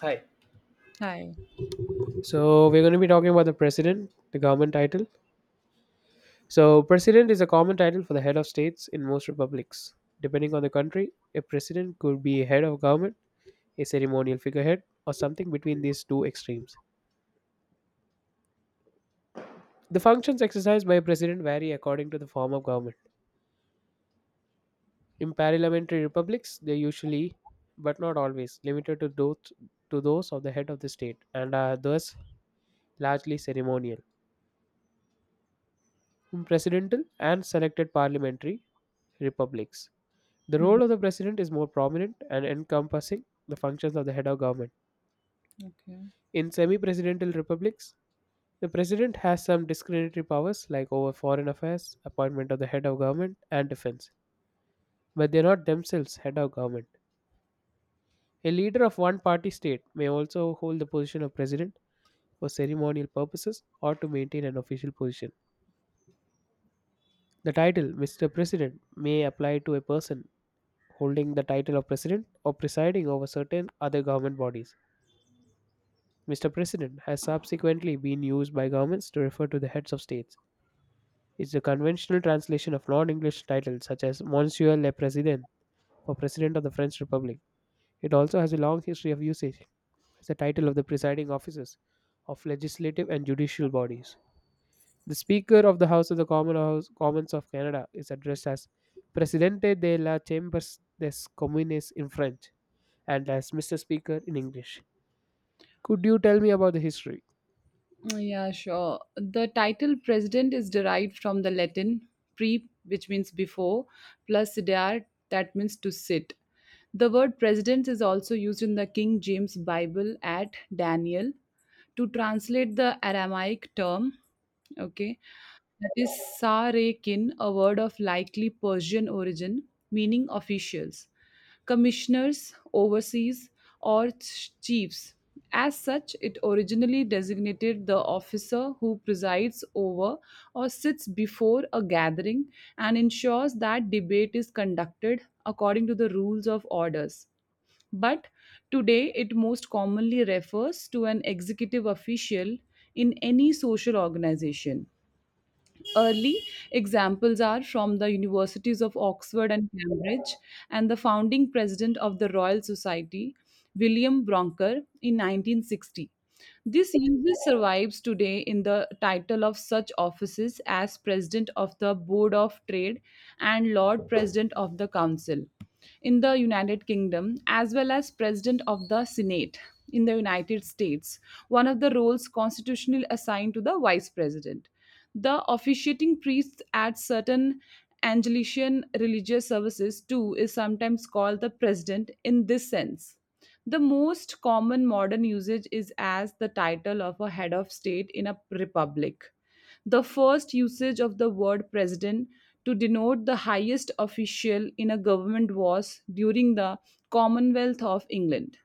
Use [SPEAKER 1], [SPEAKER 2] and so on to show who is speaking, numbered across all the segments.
[SPEAKER 1] Hi.
[SPEAKER 2] Hi.
[SPEAKER 1] So we're going to be talking about the president, the government title. So president is a common title for the head of states in most republics. Depending on the country, a president could be a head of government, a ceremonial figurehead, or something between these two extremes. The functions exercised by a president vary according to the form of government. In parliamentary republics, they are usually, but not always, limited to those of the head of the state and are thus largely ceremonial. In presidential and selected parliamentary republics, the
[SPEAKER 2] Mhm.
[SPEAKER 1] role of the president is more prominent and encompassing the functions of the head of government.
[SPEAKER 2] Okay.
[SPEAKER 1] In semi presidential republics, the president has some discretionary powers like over foreign affairs, appointment of the head of government, and defense, but they are not themselves head of government. A leader of one party state may also hold the position of president for ceremonial purposes or to maintain an official position. The title Mr. President may apply to a person holding the title of president or presiding over certain other government bodies. Mr. President has subsequently been used by governments to refer to the heads of states. It's a conventional translation of non English titles such as Monsieur le Président for President of the French Republic. It also has a long history of usage as the title of the presiding officers of legislative and judicial bodies. The Speaker of the House of the Commons of Canada is addressed as Presidente de la Chambers des Communes in French and as Mr. Speaker in English. Could you tell me about the history?
[SPEAKER 2] Yeah, sure. The title president is derived from the Latin pre, which means before, plus sedere, that means to sit. The word president is also used in the King James Bible at Daniel to translate the Aramaic term, okay, that is Sarekin, a word of likely Persian origin, meaning officials, commissioners, overseas, or chiefs. As such, it originally designated the officer who presides over or sits before a gathering and ensures that debate is conducted according to the rules of orders. But today, it most commonly refers to an executive official in any social organization. Early examples are from the universities of Oxford and Cambridge and the founding president of the Royal Society, William Broncker, in 1960. This usually survives today in the title of such offices as President of the Board of Trade and Lord President of the Council in the United Kingdom, as well as President of the Senate in the United States, one of the roles constitutionally assigned to the Vice President. The officiating priest at certain Anglican religious services, too, is sometimes called the president in this sense. The most common modern usage is as the title of a head of state in a republic. The first usage of the word president to denote the highest official in a government was during the Commonwealth of England.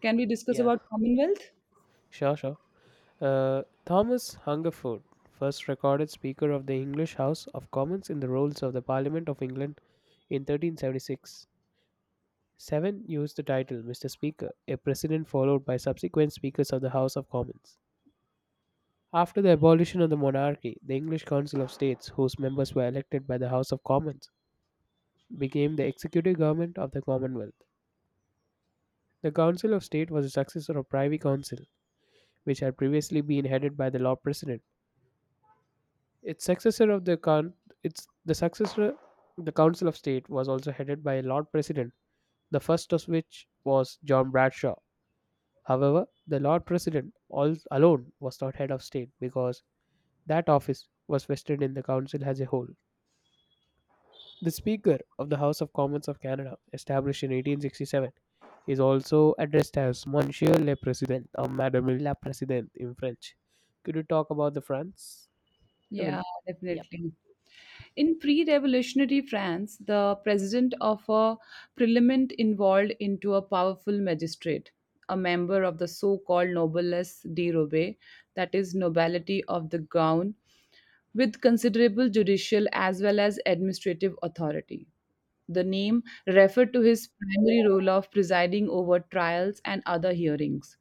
[SPEAKER 2] Can we discuss
[SPEAKER 1] Yeah,
[SPEAKER 2] about Commonwealth?
[SPEAKER 1] sure, sure. Thomas Hungerford, first recorded Speaker of the English House of Commons in the Rolls of the Parliament of England in 1376. Seven used the title Mr. Speaker, a precedent followed by subsequent Speakers of the House of Commons. After the abolition of the monarchy, the English Council of States, whose members were elected by the House of Commons, became the executive government of the Commonwealth. The Council of State was a successor of Privy Council, which had previously been headed by the Lord President. Its successor of the con- its the successor the Council of State was also headed by a Lord President, the first of which was John Bradshaw. However, the Lord President all alone was not head of state because that office was vested in the council as a whole. The Speaker of the House of Commons of Canada, established in 1867, is also addressed as Monsieur le Président or Madame la Présidente in French. Could you talk about the France? I
[SPEAKER 2] Yeah, definitely. In pre revolutionary France, the president of a parliament evolved into a powerful magistrate, a member of the so called noblesse de robe, that is, nobility of the gown, with considerable judicial as well as administrative authority. The name referred to his primary role of presiding over trials and other hearings.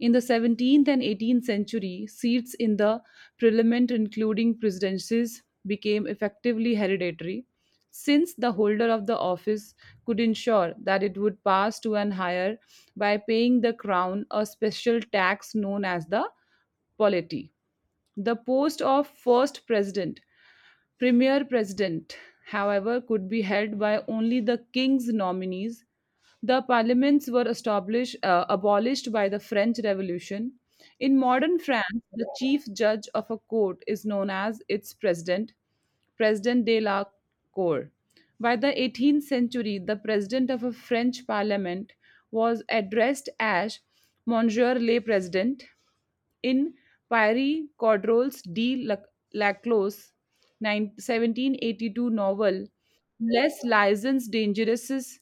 [SPEAKER 2] In the 17th and 18th century, seats in the parliament, including presidencies, became effectively hereditary, since the holder of the office could ensure that it would pass to an higher by paying the crown a special tax known as the polity. The post of first president Premier president, however, could be held by only the king's nominees. The parliaments were established, abolished by the French Revolution. In modern France, the chief judge of a court is known as its president, President de la Cour. By the 18th century, the president of a French parliament was addressed as Monsieur le President. In Pierre Corderol's Laclos' 1782 novel, Les Liaisons Dangereuses,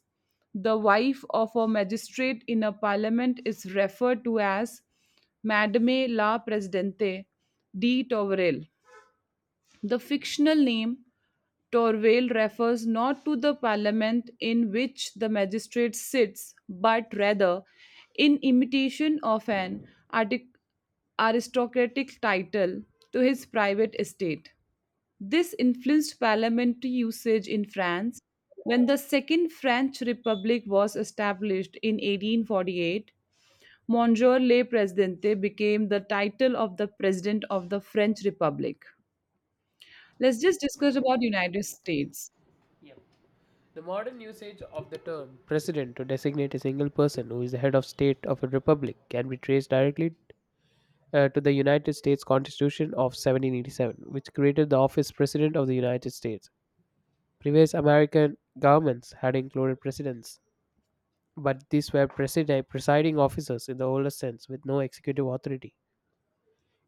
[SPEAKER 2] the wife of a magistrate in a parliament is referred to as Madame la Presidente de Tourelle. The fictional name Torvale refers not to the parliament in which the magistrate sits, but rather, in imitation of an artic- aristocratic title, to his private estate. This influenced parliamentary usage in France. When the Second French Republic was established in 1848, Monsieur le Présidente became the title of the President of the French Republic. Let's
[SPEAKER 1] Okay.
[SPEAKER 2] just discuss about United States.
[SPEAKER 1] Yeah. The modern usage of the term president to designate a single person who is the head of state of a republic can be traced directly to the United States Constitution of 1787, which created the office President of the United States. Previous American governments had included presidents but these were presiding officers in the oldest sense with no executive authority.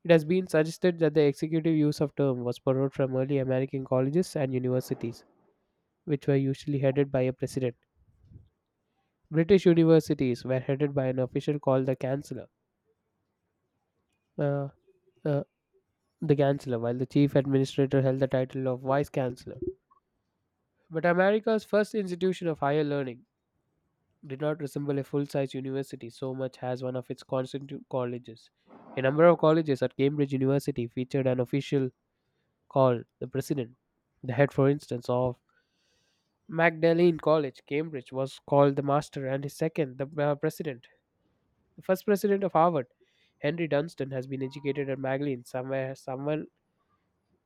[SPEAKER 1] It has been suggested that the executive use of term was borrowed from early American colleges and universities, which were usually headed by a president. British universities were headed by an official called the chancellor, uh, uh, while the chief administrator held the title of vice chancellor. But America's first institution of higher learning, did not resemble a full-size university so much as one of its constituent colleges. A number of colleges at Cambridge University featured an official called the president. The head, for instance, of Magdalene College, Cambridge, was called the master, and his second, the president. The first president of Harvard, Henry Dunstan, has been educated at Magdalene. Somewhere, someone,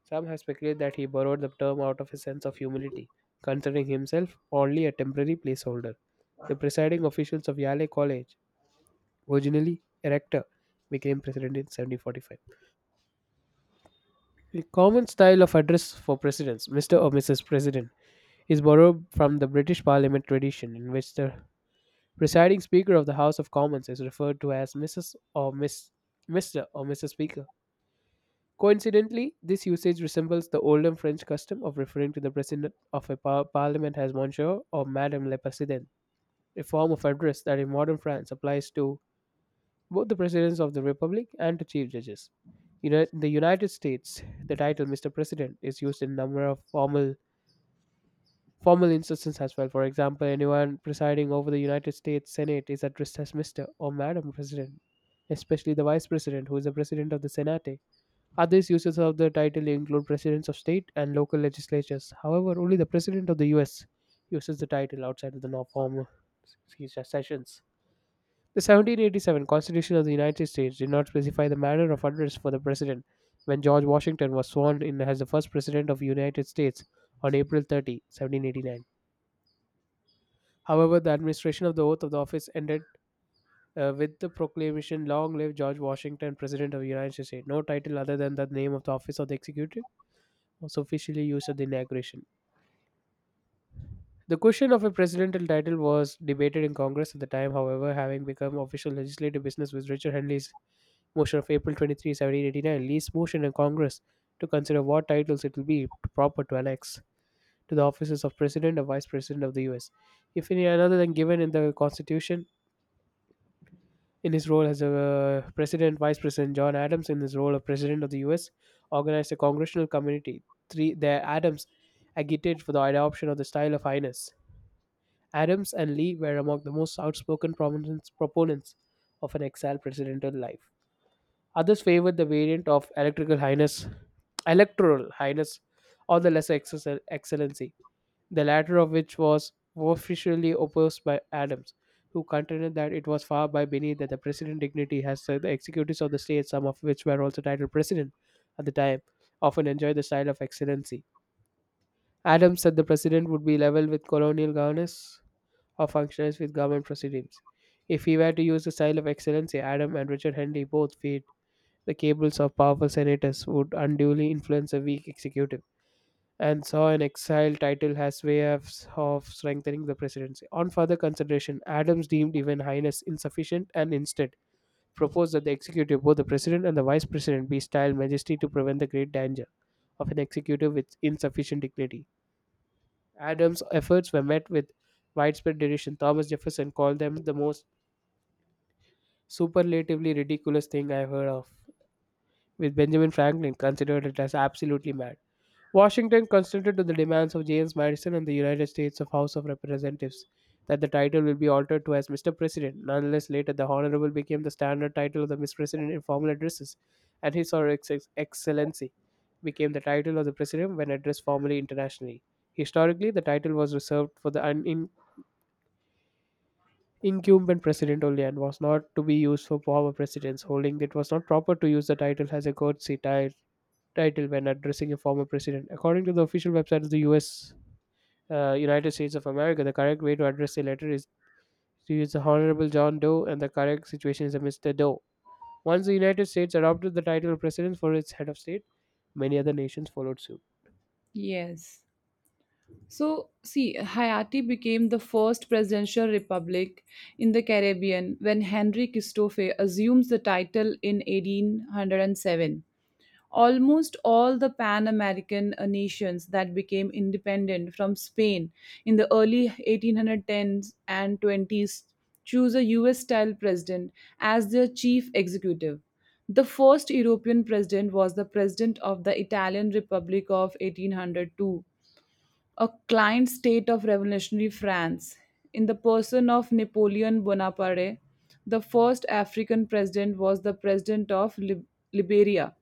[SPEAKER 1] some have speculated that he borrowed the term out of a sense of humility, considering himself only a temporary placeholder. The presiding officials of Yale College originally erector, became president in 1745. The common style of address for presidents, Mr. or Mrs. President, is borrowed from the British Parliament tradition, in which the presiding Speaker of the House of Commons is referred to as Mrs. or Miss, Mr. or Mrs. Speaker. Coincidentally, this usage resembles the older French custom of referring to the president of a parliament as Monsieur or Madame le Président, a form of address that in modern France applies to both the presidents of the republic and to chief judges. In the United States, the title Mr. President is used in a number of formal instances as well. For example, anyone presiding over the United States Senate is addressed as Mr. or Madam President, especially the Vice President, who is the President of the Senate. Other uses of the title include presidents of state and local legislatures. However, only the President of the US uses the title outside of the formal sessions. The 1787 Constitution of the United States did not specify the manner of address for the president when George Washington was sworn in as the first president of the United States on April 30, 1789. However, the administration of the oath of the office ended with the proclamation Long live George Washington, President of the United States. No title other than the name of the office of the executive was officially used at the inauguration. The question of a presidential title was debated in Congress at the time, however, having become official legislative business with Richard Henley's Motion of April 23, 1789 leaves motion in Congress to consider what titles it will be proper to annex to the offices of President or Vice President of the U.S. If any other than given in the Constitution, in his role as a President, Vice President John Adams, in his role of President of the U.S., organized a congressional committee. Three, their Adams agitated for the adoption of the style of highness. Adams and Lee were among the most outspoken proponents of an exiled presidential life. Others favored the variant of electrical highness, electoral highness, or the lesser excellency, the latter of which was officially opposed by Adams, who contended that it was far by beneath that the president dignity has the executives of the state, some of which were also titled president at the time, often enjoyed the style of excellency. Adams said the president would be level with colonial governors or functionaries with government proceedings. If he were to use the style of excellency, Adam and Richard Henry both feared the cables of powerful senators would unduly influence a weak executive, and saw an exile title as way of strengthening the presidency. On further consideration, Adams deemed even highness insufficient and instead proposed that the executive, both the president and the vice president, be styled majesty to prevent the great danger of an executive with insufficient dignity. Adams' efforts were met with widespread derision. Thomas Jefferson called them the most superlatively ridiculous thing I've heard of, with Benjamin Franklin considered it as absolutely mad. Washington consented to the demands of James Madison and the United States of House of Representatives that the title will be altered to as Mr. President. Nonetheless, later the Honorable became the standard title of the Miss President in formal addresses, and His or Excellency became the title of the President when addressed formally internationally. Historically, the title was reserved for the incumbent president only and was not to be used for former presidents, holding it was not proper to use the title as a courtesy title when addressing a former president. According to the official website of the U.S United States of America, the correct way to address a letter is to use the Honorable John Doe, and the correct situation is a Mr. Doe. Once the United States adopted the title of president for its head of state, many other nations followed suit.
[SPEAKER 2] Yes. So, see, Haiti became the first presidential republic in the Caribbean when Henry Christophe assumes the title in 1807. Almost all the Pan American nations that became independent from Spain in the early 1810s and 20s choose a US style president as their chief executive. The first European president was the president of the Italian Republic of 1802, a client state of revolutionary France, in the person of Napoleon Bonaparte, the first African president was the president of Liberia,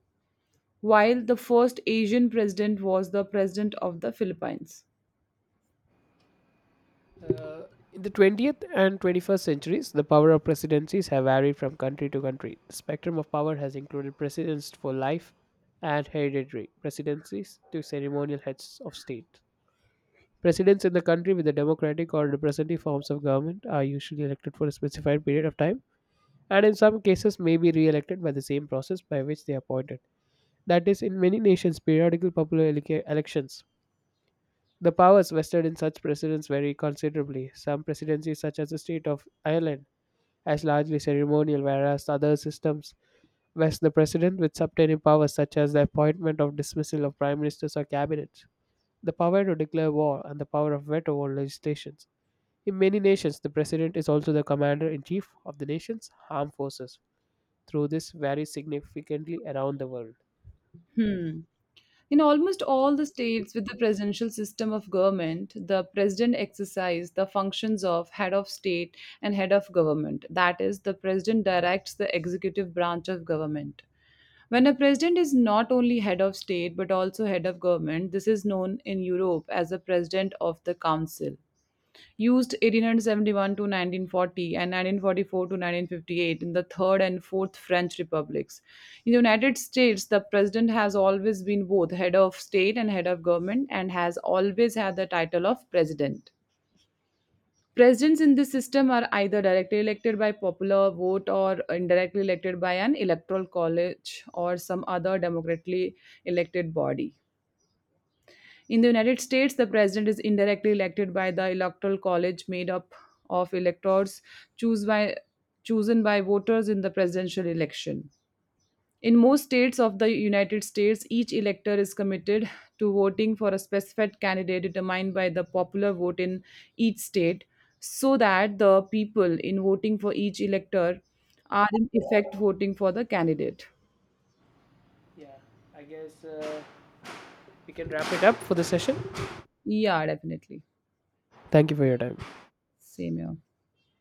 [SPEAKER 2] while the first Asian president was the president of the Philippines.
[SPEAKER 1] In the 20th and 21st centuries, the power of presidencies have varied from country to country. The spectrum of power has included presidents for life and hereditary presidencies to ceremonial heads of state. Presidents in the country with the democratic or representative forms of government are usually elected for a specified period of time and in some cases may be re-elected by the same process by which they are appointed. That is, in many nations, periodical popular elections. The powers vested in such presidents vary considerably. Some presidencies, such as the state of Ireland, as largely ceremonial, whereas other systems vest the president with subtaining powers such as the appointment or dismissal of prime ministers or cabinets, the power to declare war, and the power of veto on legislations. In many nations, the president is also the commander in chief of the nation's armed forces, through this varies significantly around the world.
[SPEAKER 2] Hmm. In almost all the states with the presidential system of government, the president exercises the functions of head of state and head of government. That is, the president directs the executive branch of government. When a president is not only head of state but also head of government, this is known in Europe as the president of the council used 1871 to 1940 and 1944 to 1958 in the Third and Fourth French Republics. In the United States, the president has always been both head of state and head of government and has always had the title of president. Presidents in this system are either directly elected by popular vote or indirectly elected by an electoral college or some other democratically elected body. In the United States, the president is indirectly elected by the electoral college made up of electors choose by, chosen by voters in the presidential election. In most states of the United States, each elector is committed to voting for a specified candidate determined by the popular vote in each state so that the people in voting for each elector are in effect voting for the candidate.
[SPEAKER 1] Yeah, I guess we can wrap it up for the session.
[SPEAKER 2] Yeah, definitely.
[SPEAKER 1] Thank you for your time.
[SPEAKER 2] Same here.